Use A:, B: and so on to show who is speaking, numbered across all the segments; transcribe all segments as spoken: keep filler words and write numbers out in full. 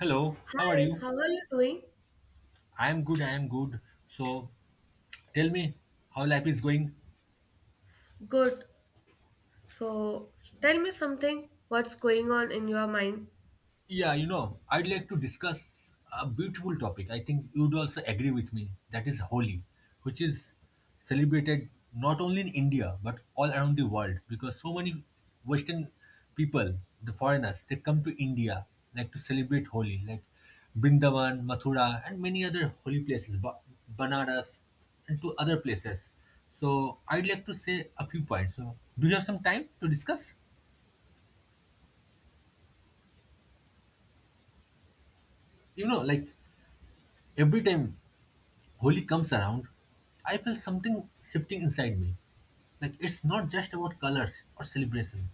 A: Hello, how
B: Hi,
A: are you?
B: how are you doing?
A: I am good, I am good. So tell me how life is going.
B: Good. So, tell me something. What's going on in your mind?
A: Yeah, you know, I'd like to discuss a beautiful topic. I think you'd also agree with me. That is Holi, which is celebrated not only in India but all around the world because so many Western people, the foreigners, they come to India like to celebrate Holi, like Brindavan, Mathura, and many other holy places, Ba- Banaras, and to other places. So I'd like to say a few points. So do you have some time to discuss? You know, like every time Holi comes around, I feel something shifting inside me. Like it's not just about colors or celebration.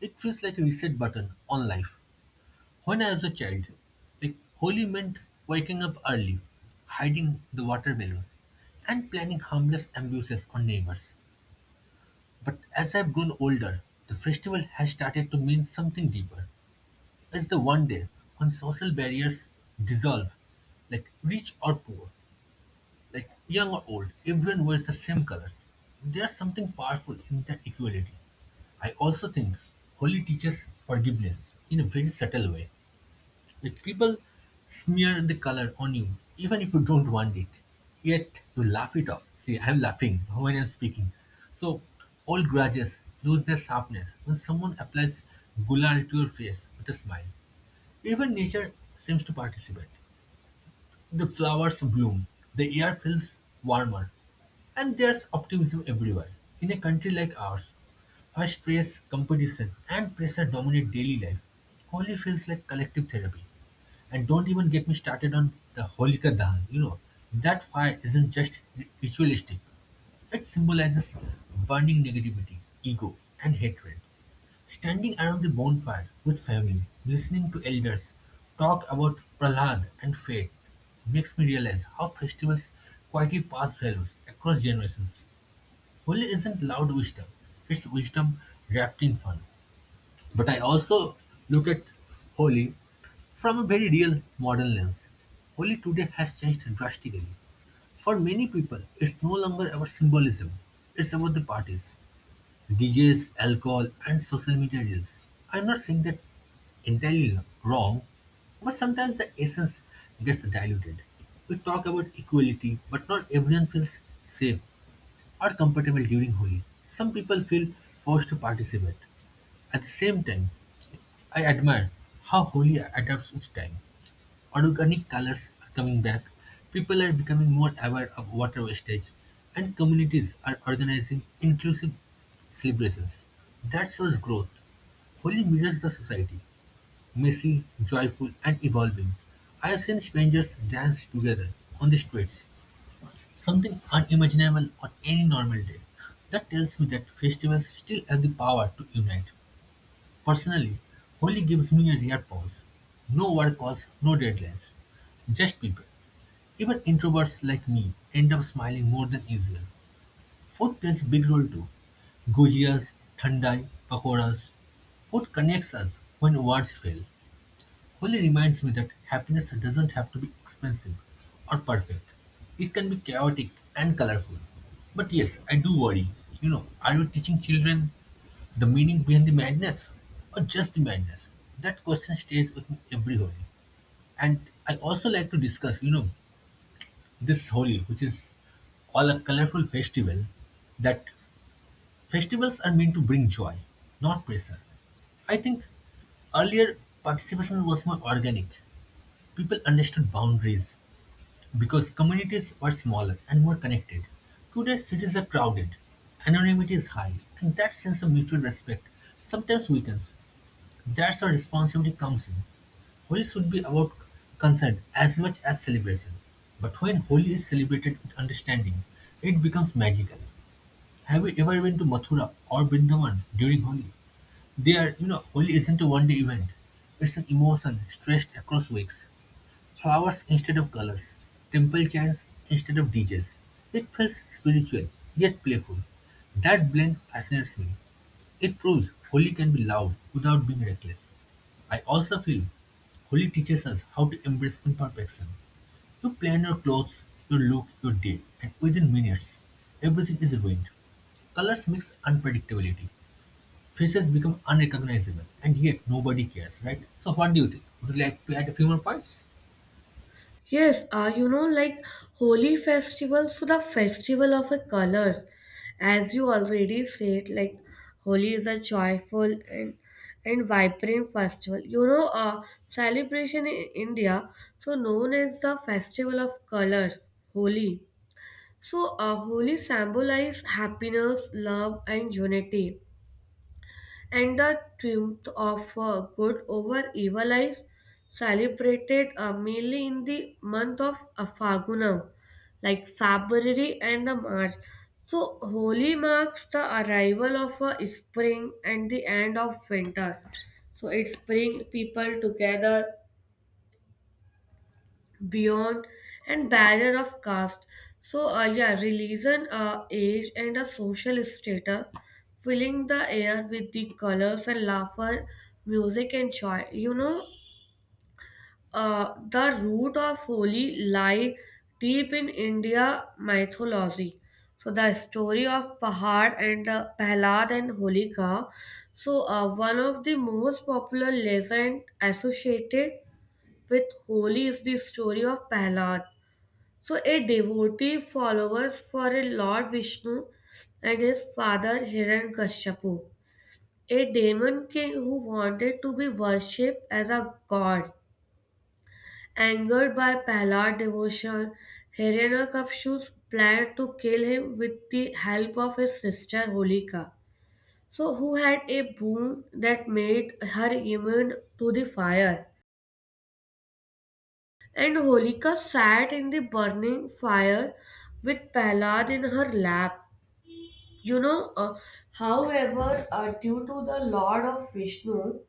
A: It feels like a reset button on life. When I was a child, like Holi meant waking up early, hiding the water balloons, and planning harmless abuses on neighbors. But as I've grown older, the festival has started to mean something deeper. It's the one day when social barriers dissolve, like rich or poor, like young or old, everyone wears the same colors. There's something powerful in that equality. I also think Holi teaches forgiveness in a very subtle way. Like people smear the color on you, even if you don't want it. Yet you laugh it off. See, I'm laughing when I'm speaking. So all grudges lose their sharpness when someone applies gulal to your face with a smile. Even nature seems to participate. The flowers bloom, the air feels warmer, and there's optimism everywhere. In a country like ours, where stress, competition, and pressure dominate daily life, Holi feels like collective therapy. And don't even get me started on the Holika Dahan. You know, that fire isn't just ri- ritualistic, it symbolizes burning negativity, ego, and hatred. Standing around the bonfire with family, listening to elders talk about Prahlad and fate makes me realize how festivals quietly pass values across generations. Holi isn't loud wisdom, it's wisdom wrapped in fun. But I also look at Holi from a very real modern lens. Holi today has changed drastically. For many people, it's no longer about symbolism, it's about the parties. D Js, alcohol, and social media reels. I'm not saying that entirely wrong, but sometimes the essence gets diluted. We talk about equality, but not everyone feels safe or comfortable during Holi. Some people feel forced to participate. At the same time, I admire how Holi adapts with time organic colors are coming back, people are becoming more aware of water wastage, and communities are organizing inclusive celebrations. That shows growth. Holi mirrors the society, messy, joyful, and evolving. I have seen strangers dance together on the streets, something unimaginable on any normal day. That tells me that festivals still have the power to unite. Personally, Holi gives me a rare pause. No work calls, no deadlines just people. Even introverts like me end up smiling more than usual. Food plays a big role too. Gujias, thandai, pakoras. Food connects us when words fail. Holi reminds me that happiness doesn't have to be expensive or perfect. It can be chaotic and colorful. But yes, I do worry. You know, are we teaching children the meaning behind the madness or just the madness? That question stays with me every Holi. And I also like to discuss, you know, this Holi, which is all a colorful festival, that festivals are meant to bring joy, not pressure. I think earlier participation was more organic. People understood boundaries because communities were smaller and more connected. Today, cities are crowded, anonymity is high, and that sense of mutual respect sometimes weakens. That's where responsibility comes in. Holi should be about concern as much as celebration. But when Holi is celebrated with understanding, it becomes magical. Have you ever been to Mathura or Vrindavan during Holi? They are, you know, Holi isn't a one day event. It's an emotion stretched across weeks. Flowers instead of colors, temple chants instead of D Js. It feels spiritual yet playful. That blend fascinates me. It proves Holi can be loud without being reckless. I also feel Holi teaches us how to embrace imperfection. You plan your clothes, your look, your day, and within minutes, everything is ruined. Colors mix unpredictability. Faces become unrecognizable, and yet nobody cares, right? So, what do you think? Would you like to add a few more points?
B: Yes, uh, you know, like Holi festival, so the festival of the colors. As you already said, like Holi is a joyful and and vibrant festival. You know, uh, celebration in India, so known as the festival of colors, Holi. So, uh, Holi symbolize happiness, love, and unity, and the triumph of uh, good over evil is celebrated uh, mainly in the month of uh, Faguna, like February and uh, March. So, Holi marks the arrival of uh, spring and the end of winter. So, it's bring people together beyond and barrier of caste, so uh, yeah, religion, uh, age and a social status, filling the air with the colors and laughter, music and joy you know uh, The root of holi lie deep in india mythology, so the story of pahad and uh, pahlad and holika. So uh, one of the most popular legend associated with holi is the story of pahlad, so a devotee follows for a Lord Vishnu and his father Hiranyakashipu, a demon king who wanted to be worshipped as a god. Angered by Prahlad's devotion, Hiranyakashipu's plan to kill him with the help of his sister Holika, so who had a boon that made her immune to the fire. And Holika sat in the burning fire with Prahlad in her lap. You know, uh, however, uh, due to the Lord of Vishnu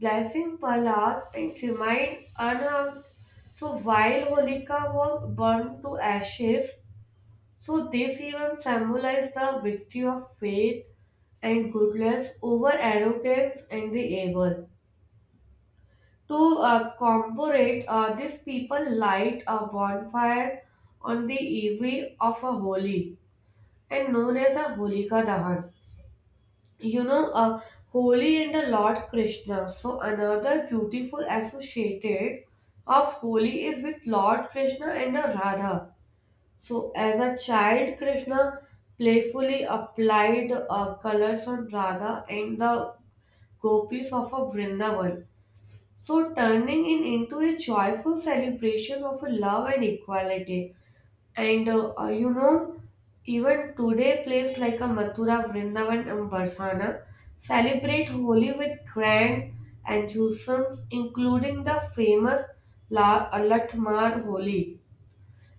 B: blessing, Prahlad and remained unharmed. So while Holika was burned to ashes, so this even symbolized the victory of faith and goodness over arrogance and the evil. To uh, commemorate, uh, these people light a bonfire on the eve of a holy and known as a Holika Dahan. you know uh, Holy and the lord krishna, so another beautiful associated of holy is with lord krishna and the radha. So as a child krishna playfully applied uh, colors on radha and the gopis of a vrindavan, so turning it into a joyful celebration of love and equality. and uh, uh, you know, Even today, places like a Mathura, Vrindavan, and Barsana celebrate Holi with grand enthusiasm, including the famous La- uh, Latmar Holi.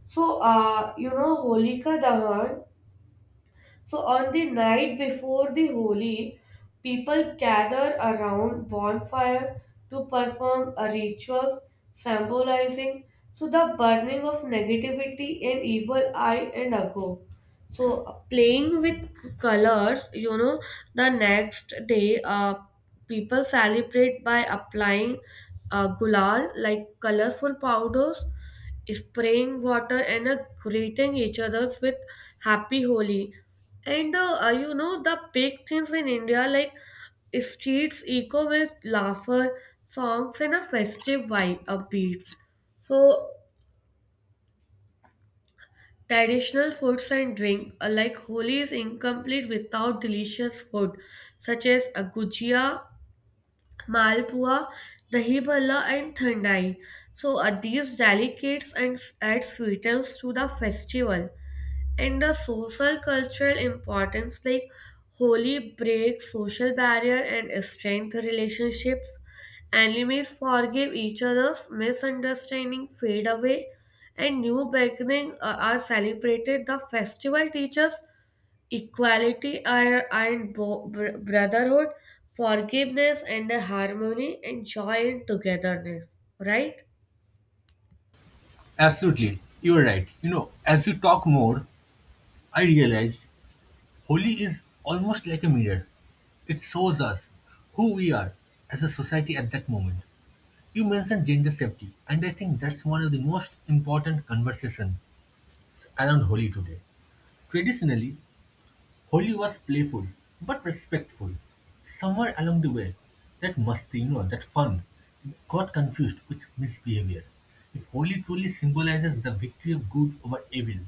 B: So, uh, you know, Holika Dahan, so on the night before the Holi, people gather around bonfire to perform a ritual symbolizing, so the burning of negativity and evil eye and ago. So uh, playing with colors you know The next day uh, people celebrate by applying uh, gulal, like colorful powders, spraying water and uh, greeting each others with happy holi. And uh, uh, you know The big things in india, like streets echo with laughter, songs and a festive vibe of beats. So traditional foods and drink are, like Holi is incomplete without delicious food such as a gujia, malpua, dahi bhalla and thandai. So uh, these delicates and s- add sweetness to the festival and the social cultural importance, like holy breaks social barrier and strength relationships, enemies forgive each other's misunderstanding, fade away, and new beginning uh, are celebrated. The festival teaches equality are- and bo- br- brotherhood, forgiveness and harmony and joy and togetherness, right?
A: Absolutely, you are right. You know, as you talk more, I realize Holi is almost like a mirror. It shows us who we are as a society at that moment. You mentioned gender safety, and I think that's one of the most important conversations around Holi today. Traditionally, Holi was playful but respectful. Somewhere along the way, that must, you know, that fun got confused with misbehavior. If Holi truly symbolizes the victory of good over evil,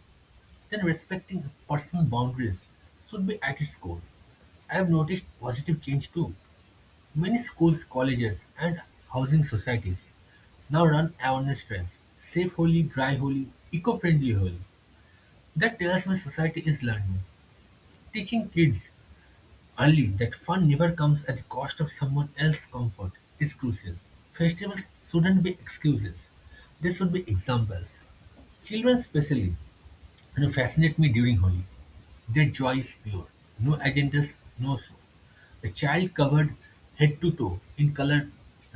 A: then respecting personal boundaries should be at its core. I have noticed positive change too. Many schools, colleges, and housing societies now run awareness drives, safe holy, dry holy, eco-friendly holy. That tells me society is learning, teaching kids early that fun never comes at the cost of someone else's comfort is crucial. Festivals shouldn't be excuses; they should be examples. Children, especially, you know, fascinate me during Holi. Their joy is pure. No agendas, no show. A child covered head to toe in color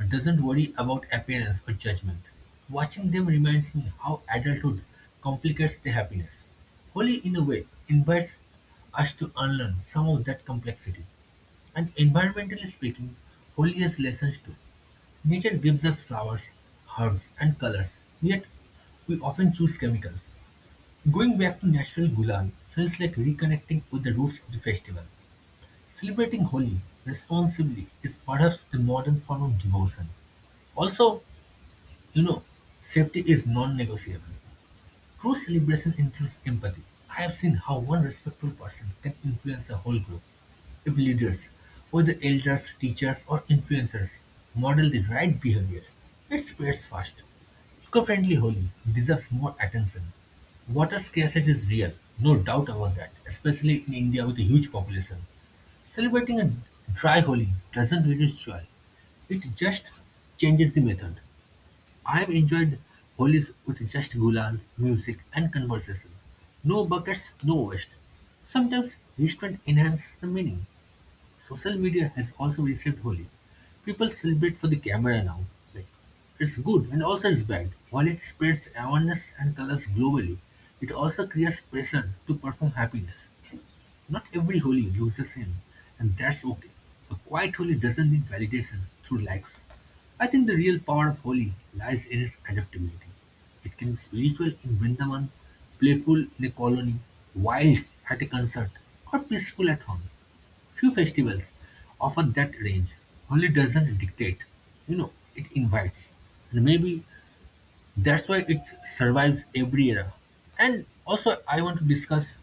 A: doesn't worry about appearance or judgment. Watching them reminds me how adulthood complicates the happiness. Holi, in a way, invites us to unlearn some of that complexity. And environmentally speaking, Holi has lessons too. Nature gives us flowers, herbs, and colors, yet we often choose chemicals. Going back to National Gulag feels like reconnecting with the roots of the festival. Celebrating Holi responsibly is perhaps the modern form of devotion. Also, you know, safety is non negotiable. True celebration includes empathy. I have seen how one respectful person can influence a whole group. If leaders, whether elders, teachers, or influencers, model the right behavior, it spreads fast. Eco-friendly Holi deserves more attention. Water scarcity is real, no doubt about that, especially in India with a huge population. Celebrating a dry Holi doesn't reduce joy, it just changes the method. I've enjoyed Holies with just Gulal, music and conversation. No buckets, no waste. Sometimes restaurant enhances the meaning. Social media has also reshaped Holi. People celebrate for the camera now. Like, it's good and also it's bad. While it spreads awareness and colors globally, it also creates pressure to perform happiness. Not every holy looks the same, and that's okay. A quiet holy doesn't need validation through likes. I think the real power of holy lies in its adaptability. It can be spiritual in Vrindavan, playful in a colony, wild at a concert, or peaceful at home. Few festivals offer that range. Holy doesn't dictate, you know, it invites. And maybe that's why it survives every era. And also, I want to discuss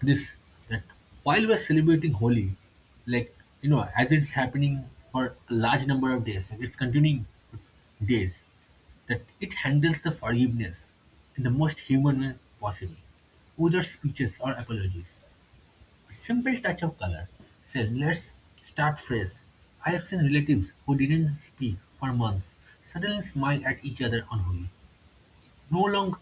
A: this that while we're celebrating Holi, like you know, as it's happening for a large number of days, like it's continuing with days, that it handles the forgiveness in the most human way possible, without speeches or apologies. A simple touch of color. Say, let's start fresh. I have seen relatives who didn't speak for months suddenly smile at each other on Holi. No long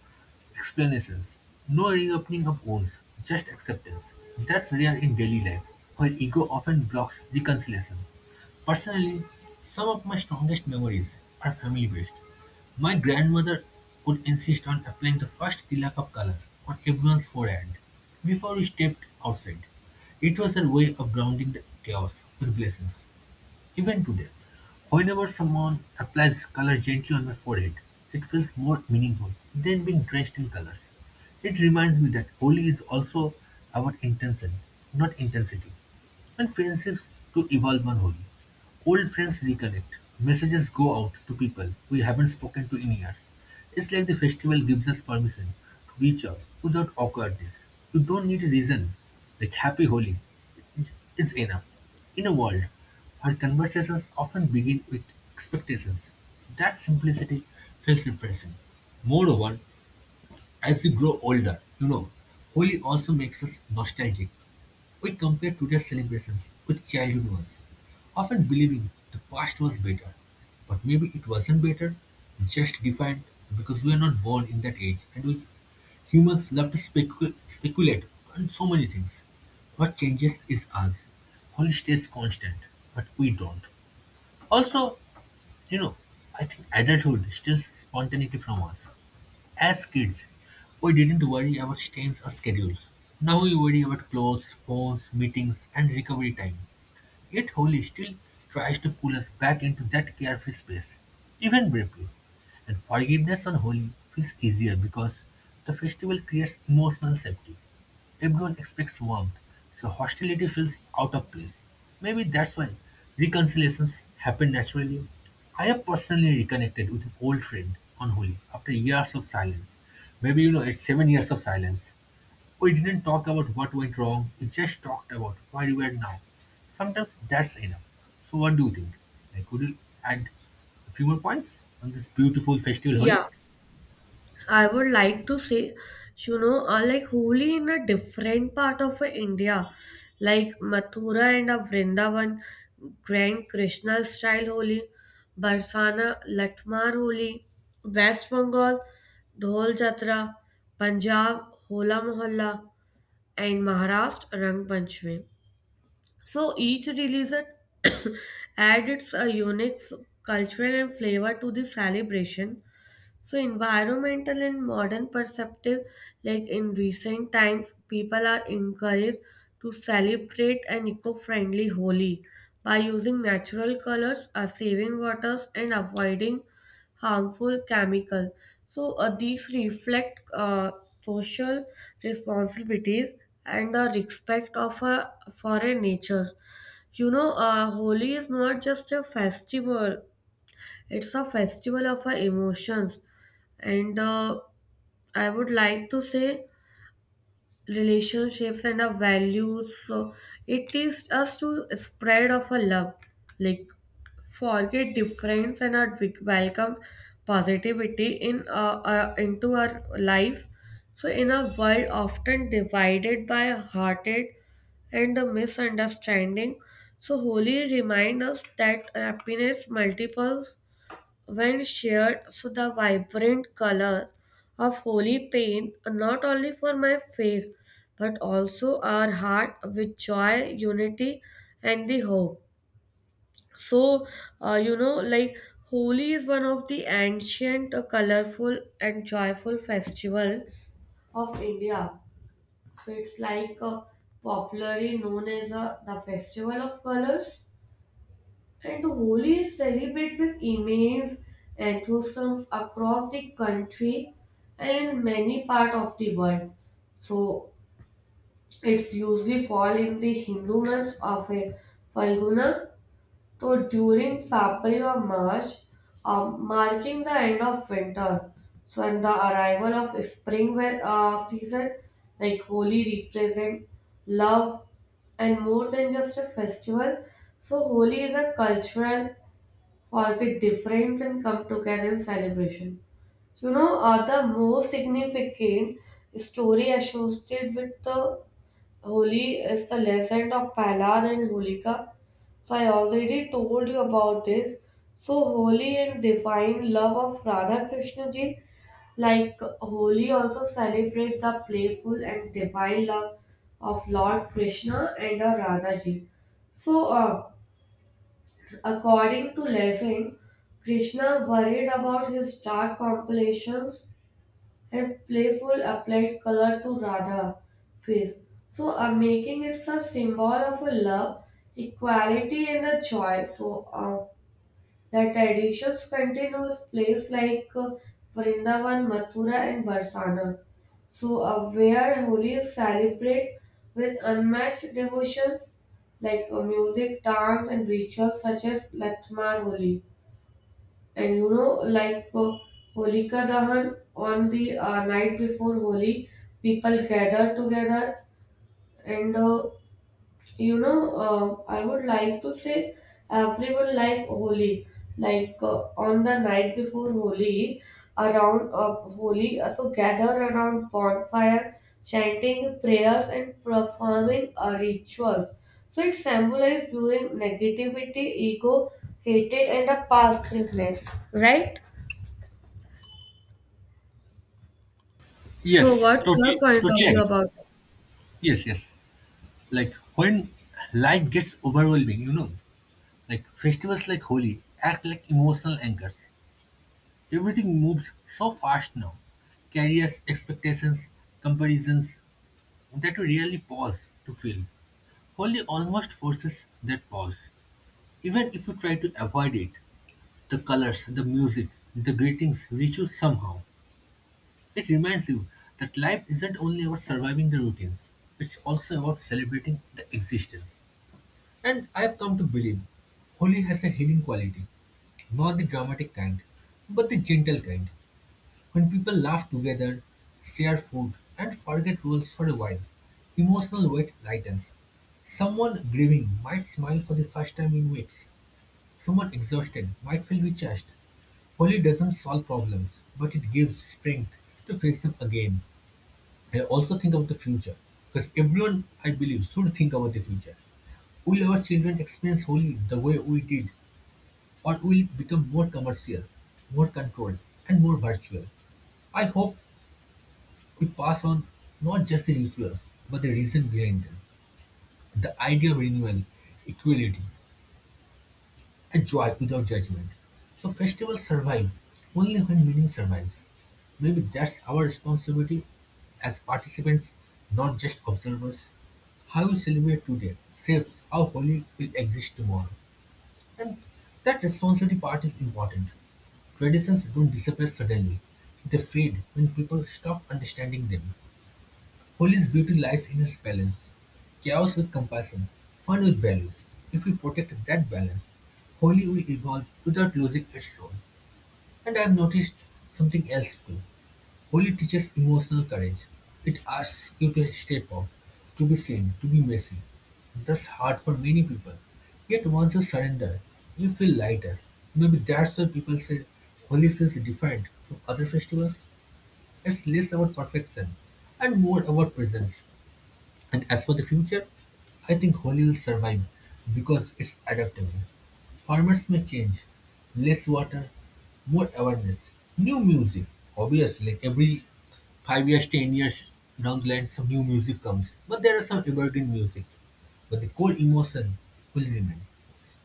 A: explanations, no reopening of wounds, just acceptance. That's rare in daily life, where ego often blocks reconciliation. Personally, some of my strongest memories are family based. My grandmother would insist on applying the first tilak of color on everyone's forehead before we stepped outside. It was her way of grounding the chaos with blessings. Even today, whenever someone applies color gently on my forehead, it feels more meaningful than being drenched in colors. It reminds me that Holi is also about intention, not intensity. And friendships to evolve on whole. Old friends reconnect. Messages go out to people we haven't spoken to in years. It's like the festival gives us permission to reach out without awkwardness. You don't need a reason. Like happy holy is enough. In a world where conversations often begin with expectations, that simplicity feels refreshing. Moreover, as we grow older, you know, holy also makes us nostalgic. We compare today's celebrations with childhood ones, often believing the past was better. But maybe it wasn't better, just different because we are not born in that age and we humans love to specu- speculate on so many things. What changes is us. What stays constant, but we don't. Also, you know, I think adulthood steals spontaneity from us. As kids, we didn't worry about stains or schedules. Now we worry about clothes, phones, meetings, and recovery time. Yet Holly still tries to pull us back into that carefree space, even briefly. And forgiveness on Holi feels easier because the festival creates emotional safety. Everyone expects warmth, so hostility feels out of place. Maybe that's why reconciliations happen naturally. I have personally reconnected with an old friend on Holi after years of silence. Maybe you know it's seven years of silence. We didn't talk about what went wrong, we just talked about where we are now. Sometimes that's enough. So what do you think? Like could you add a few more points on this beautiful festival Holi?
B: Yeah, I would like to say, you know, uh, like Holi in a different part of uh, India, like Mathura and uh, Vrindavan, Grand Krishna style Holi, Barsana, Latmar Holi, West Bengal, Dhol Jatra, Punjab, Hola Mohalla, and Maharashtra, Rang Panchami. So each religion adds a unique f- cultural and flavor to the celebration. So, environmental and modern perceptive, like in recent times, people are encouraged to celebrate an eco friendly Holi by using natural colors, uh, saving waters, and avoiding harmful chemical. So, uh, these reflect uh, social responsibilities and the respect of a foreign nature. You know, uh, Holi is not just a festival, it's a festival of our emotions, and uh, I would like to say relationships and our values. So it teaches us to spread of our love, like forget difference and our we- welcome positivity in uh, uh, into our life. So in a world often divided by hearted and a misunderstanding, so holy remind us that happiness multiples when shared, so the vibrant color of holy paint not only for my face but also our heart with joy, unity and the hope. So uh, you know like Holi is one of the ancient, uh, colorful, and joyful festival of India. So it's like uh, popularly known as uh, the festival of colors. And Holi is celebrated with immense enthusiasm across the country and in many parts of the world. So it's usually fall in the Hindu months of a Falguna, so during February or March, um, marking the end of winter. So and the arrival of spring where, uh, season, like Holi represent love and more than just a festival. So Holi is a cultural, forget difference and come together in celebration. You know, uh, the most significant story associated with the Holi is the legend of Prahlad and Holika. So I already told you about this. So holy and divine love of Radha Krishna ji, like Holi also celebrate the playful and divine love of Lord Krishna and of Radha ji. So uh, According to Lessing, Krishna worried about his dark complexions and playful applied color to Radha face, so uh, making it a symbol of a love, equality, and a joy. So uh, the traditions continues place like uh, Vrindavan, Mathura and Barsana. So uh, where Holi is celebrated with unmatched devotions like uh, music, dance and rituals such as Latmar Holi. And you know like uh, Holika Dahan on the uh, night before Holi, people gather together and uh, you know uh, I would like to say everyone like holi, like uh, on the night before holi, around uh, holi uh, so gather around bonfire, chanting prayers and performing uh, rituals. So it symbolizes during negativity, ego, hatred and a past forgiveness.
A: Yes, totally, totally agree. Yes, yes. Like when life gets overwhelming, you know, like festivals like Holi act like emotional anchors. Everything moves so fast now, carriers, expectations, comparisons that we really pause to feel. Holi almost forces that pause. Even if you try to avoid it, the colors, the music, the greetings reach you somehow. It reminds you that life isn't only about surviving the routines, it's also about celebrating the existence. And I have come to believe Holi has a healing quality, not the dramatic kind, but the gentle kind. When people laugh together, share food, and forget rules for a while, emotional weight lightens. Someone grieving might smile for the first time in weeks. Someone exhausted might feel recharged. Holy doesn't solve problems, but it gives strength to face them again. I also think about the future, because everyone, I believe, should think about the future. Will our children experience Holy the way we did, or will it become more commercial, more controlled, and more virtual? I hope we pass on not just the rituals, but the reason behind them. The idea of renewal, equality, and joy without judgment. So festivals survive only when meaning survives. Maybe that's our responsibility as participants, not just observers. How we celebrate today shapes how holy will exist tomorrow. And that responsibility part is important. Traditions don't disappear suddenly. They fade when people stop understanding them. Holy's beauty lies in its balance, chaos with compassion, fun with values. If we protect that balance, Holy will evolve without losing its soul. And I have noticed something else too. Holy teaches emotional courage. It asks you to step up, to be seen, to be messy. That's hard for many people. Yet once you surrender, you feel lighter. Maybe that's why people say Holy feels different from other festivals. It's less about perfection and more about presence. And as for the future, I think Holi will survive because it's adaptable. Formats may change, less water, more awareness, new music. Obviously, like every five years, ten years down the line, some new music comes. But there are some evergreen music. But the core emotion will remain.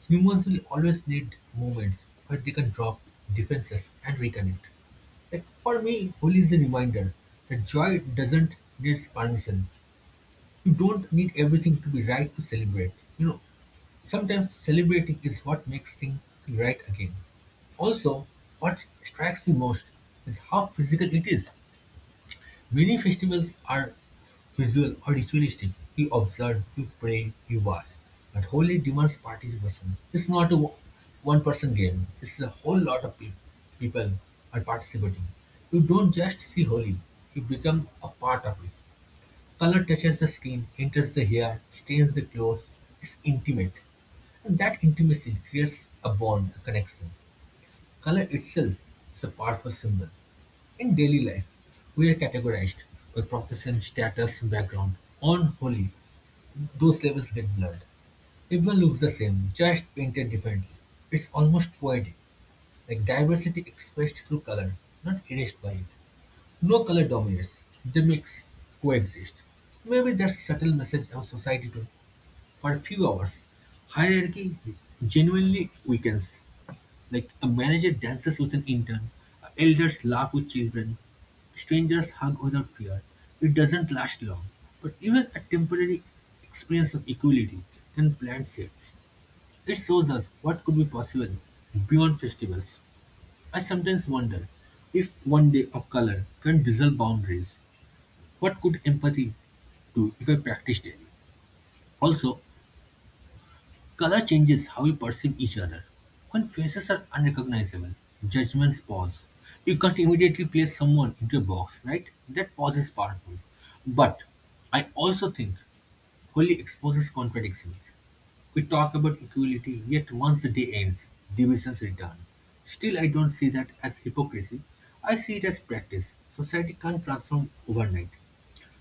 A: Humans will always need moments where they can drop defenses and reconnect. Like for me, Holi is a reminder that joy doesn't need permission. You don't need everything to be right to celebrate. You know, sometimes celebrating is what makes things feel right again. Also, what strikes me most is how physical it is. Many festivals are visual or ritualistic. You observe, you pray, you watch. But holy demands participation. It's not a one person game, it's a whole lot of pe- people are participating. You don't just see holy, you become a part of it. Color touches the skin, enters the hair, stains the clothes. It's intimate. And that intimacy creates a bond, a connection. Color itself is a powerful symbol. In daily life, we are categorized by profession, status, background. On holy, those levels get blurred. Everyone looks the same, just painted differently. It's almost poetic, like diversity expressed through color, not erased by it. No color dominates, they mix, coexist. Maybe that's subtle message of society today. For a few hours, hierarchy genuinely weakens. Like a manager dances with an intern, elders laugh with children, strangers hug without fear. It doesn't last long, but even a temporary experience of equality can plant seeds. It shows us what could be possible beyond festivals. I sometimes wonder, if one day of color can dissolve boundaries, what could empathy do if I practiced daily? Also, color changes how we perceive each other. When faces are unrecognizable, judgments pause. You can't immediately place someone into a box, right? That pause is powerful. But I also think Holi exposes contradictions. We talk about equality, yet once the day ends, divisions return. Still, I don't see that as hypocrisy. I see it as practice. Society can't transform overnight.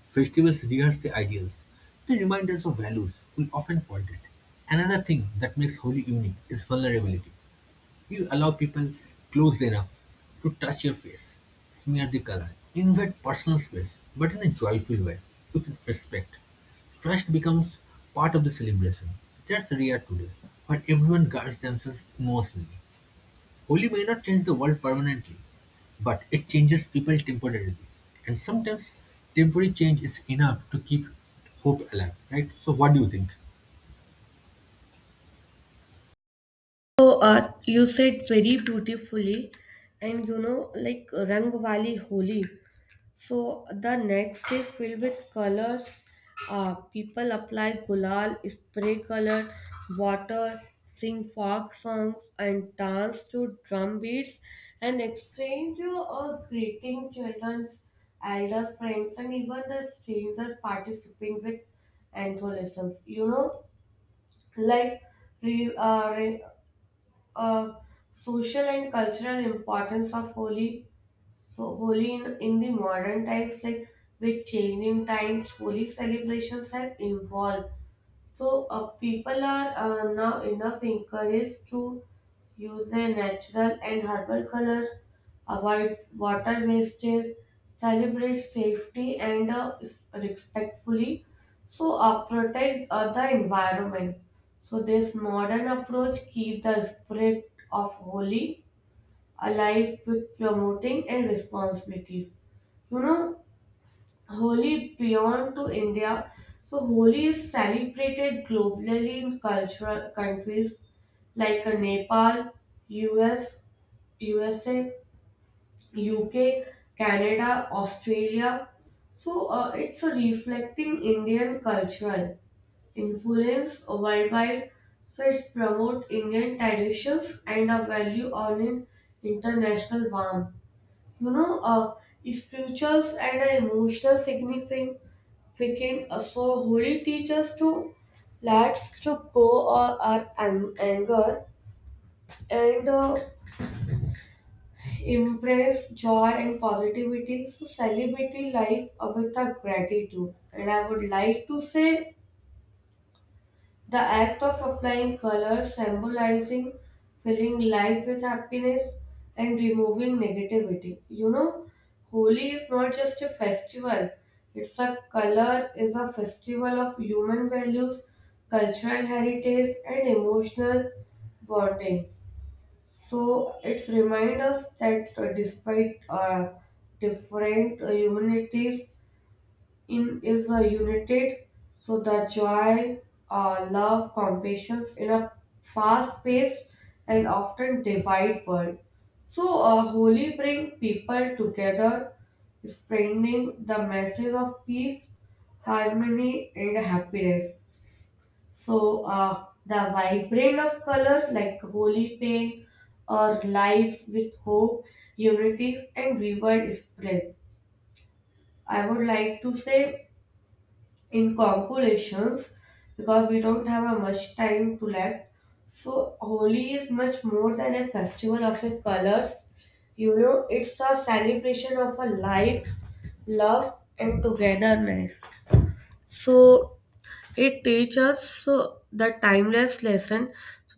A: Festivals rehearse the ideals. They remind us of values we often forget. Another thing that makes Holi unique is vulnerability. You allow people close enough to touch your face, smear the color, invade personal space, but in a joyful way, with respect. Trust becomes part of the celebration. That's rare today, where everyone guards themselves emotionally. Only may not change the world permanently, but it changes people temporarily. And sometimes temporary change is enough to keep hope alive, right? So, what do you think?
B: So, uh, you said very beautifully, and you know, like Rangvali Holi. So, the next day filled with colors, uh, people apply gulal, spray color, water, sing folk songs, and dance to drum beats, and exchange uh, greeting children's, elder friends, and even the strangers participating with enthusiasm. You know, like re, uh, re- uh, social and cultural importance of Holi. So Holi in, in the modern times, like with changing times, Holi celebrations has evolved. So uh, people are uh, now enough encouraged to use a natural and herbal colors, avoid water wastage, celebrate safety and uh, s- respectfully, so uh, protect uh, the environment. So this modern approach keep the spirit of holy alive with promoting and responsibilities. You know, Holi beyond to India. So Holi is celebrated globally in cultural countries like uh, Nepal, U S, U S A, U K, Canada, Australia. So uh, it's a reflecting Indian cultural influence worldwide. So it's promote Indian traditions and a value on an international warmth. You know, uh, Spirituals and uh, emotional significance freaking uh, so holy teachers to let's to go or our ang- anger and uh, Impress joy and positivity. So celebrate life with a gratitude. And I would like to say the act of applying color, symbolizing filling life with happiness and removing negativity. You know, Holi is not just a festival. It's a color, is a festival of human values, cultural heritage and emotional bonding. So it's remind us that uh, despite uh, different uh, humanities in is uh, united, so the joy, uh, love, compassion in a fast-paced and often divided world. So uh, holy bring people together, spreading the message of peace, harmony, and happiness. So uh, the vibrant of color like holy paint or lives with hope, unity and reward spread. I would like to say in conclusions, because we don't have a much time to left. So Holi is much more than a festival of the colors. You know, it's a celebration of a life, love and togetherness. So it teaches uh, the timeless lesson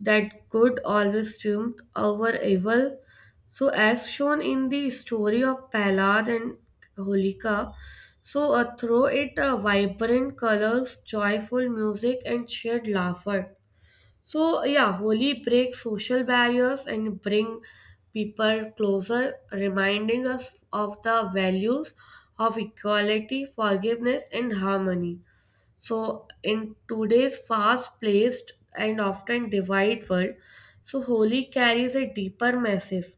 B: that good always triumphs over evil. So, as shown in the story of Prahlad and Holika, so uh, through it, uh, vibrant colors, joyful music, and shared laughter. So, yeah, Holi breaks social barriers and bring people closer, reminding us of the values of equality, forgiveness, and harmony. So, in today's fast paced and often divided world, so Holi carries a deeper message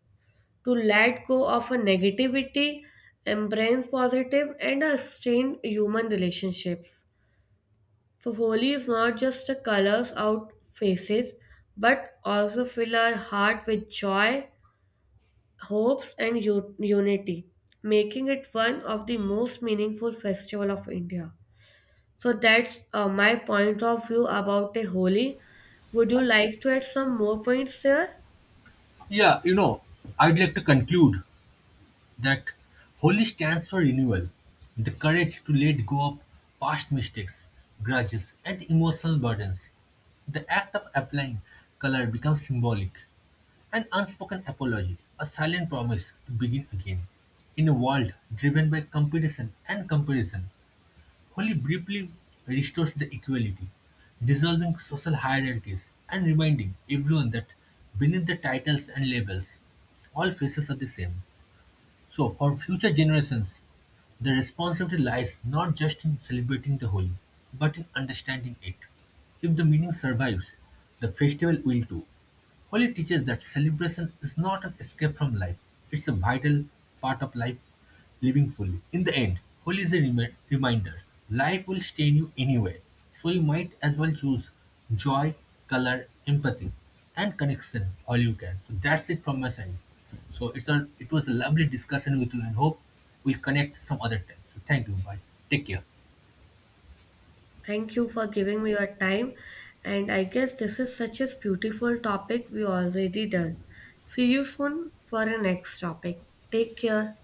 B: to let go of a negativity, embrace positive, and a strained human relationships. So, Holi is not just a colors out faces but also fill our heart with joy, hopes, and u- unity, making it one of the most meaningful festival of India. So that's uh, my point of view about a Holi. Would you like to add some more points here?
A: Yeah, you know, I'd like to conclude that holy stands for renewal, the courage to let go of past mistakes, grudges, and emotional burdens. The act of applying color becomes symbolic, an unspoken apology, a silent promise to begin again. In a world driven by competition and comparison, Holi briefly restores the equality, dissolving social hierarchies and reminding everyone that beneath the titles and labels, all faces are the same. So, for future generations, the responsibility lies not just in celebrating the holy, but in understanding it. If the meaning survives, the festival will too. Holy teaches that celebration is not an escape from life, it's a vital part of life living fully. In the end, Holy is a remi- reminder, life will stain you anyway, so you might as well choose joy, color, empathy, and connection all you can. So that's it from my side. So it's a, it was a lovely discussion with you and hope we'll connect some other time. So thank you. Bye. Take care.
B: Thank you for giving me your time. And I guess this is such a beautiful topic we already done. See you soon for the next topic. Take care.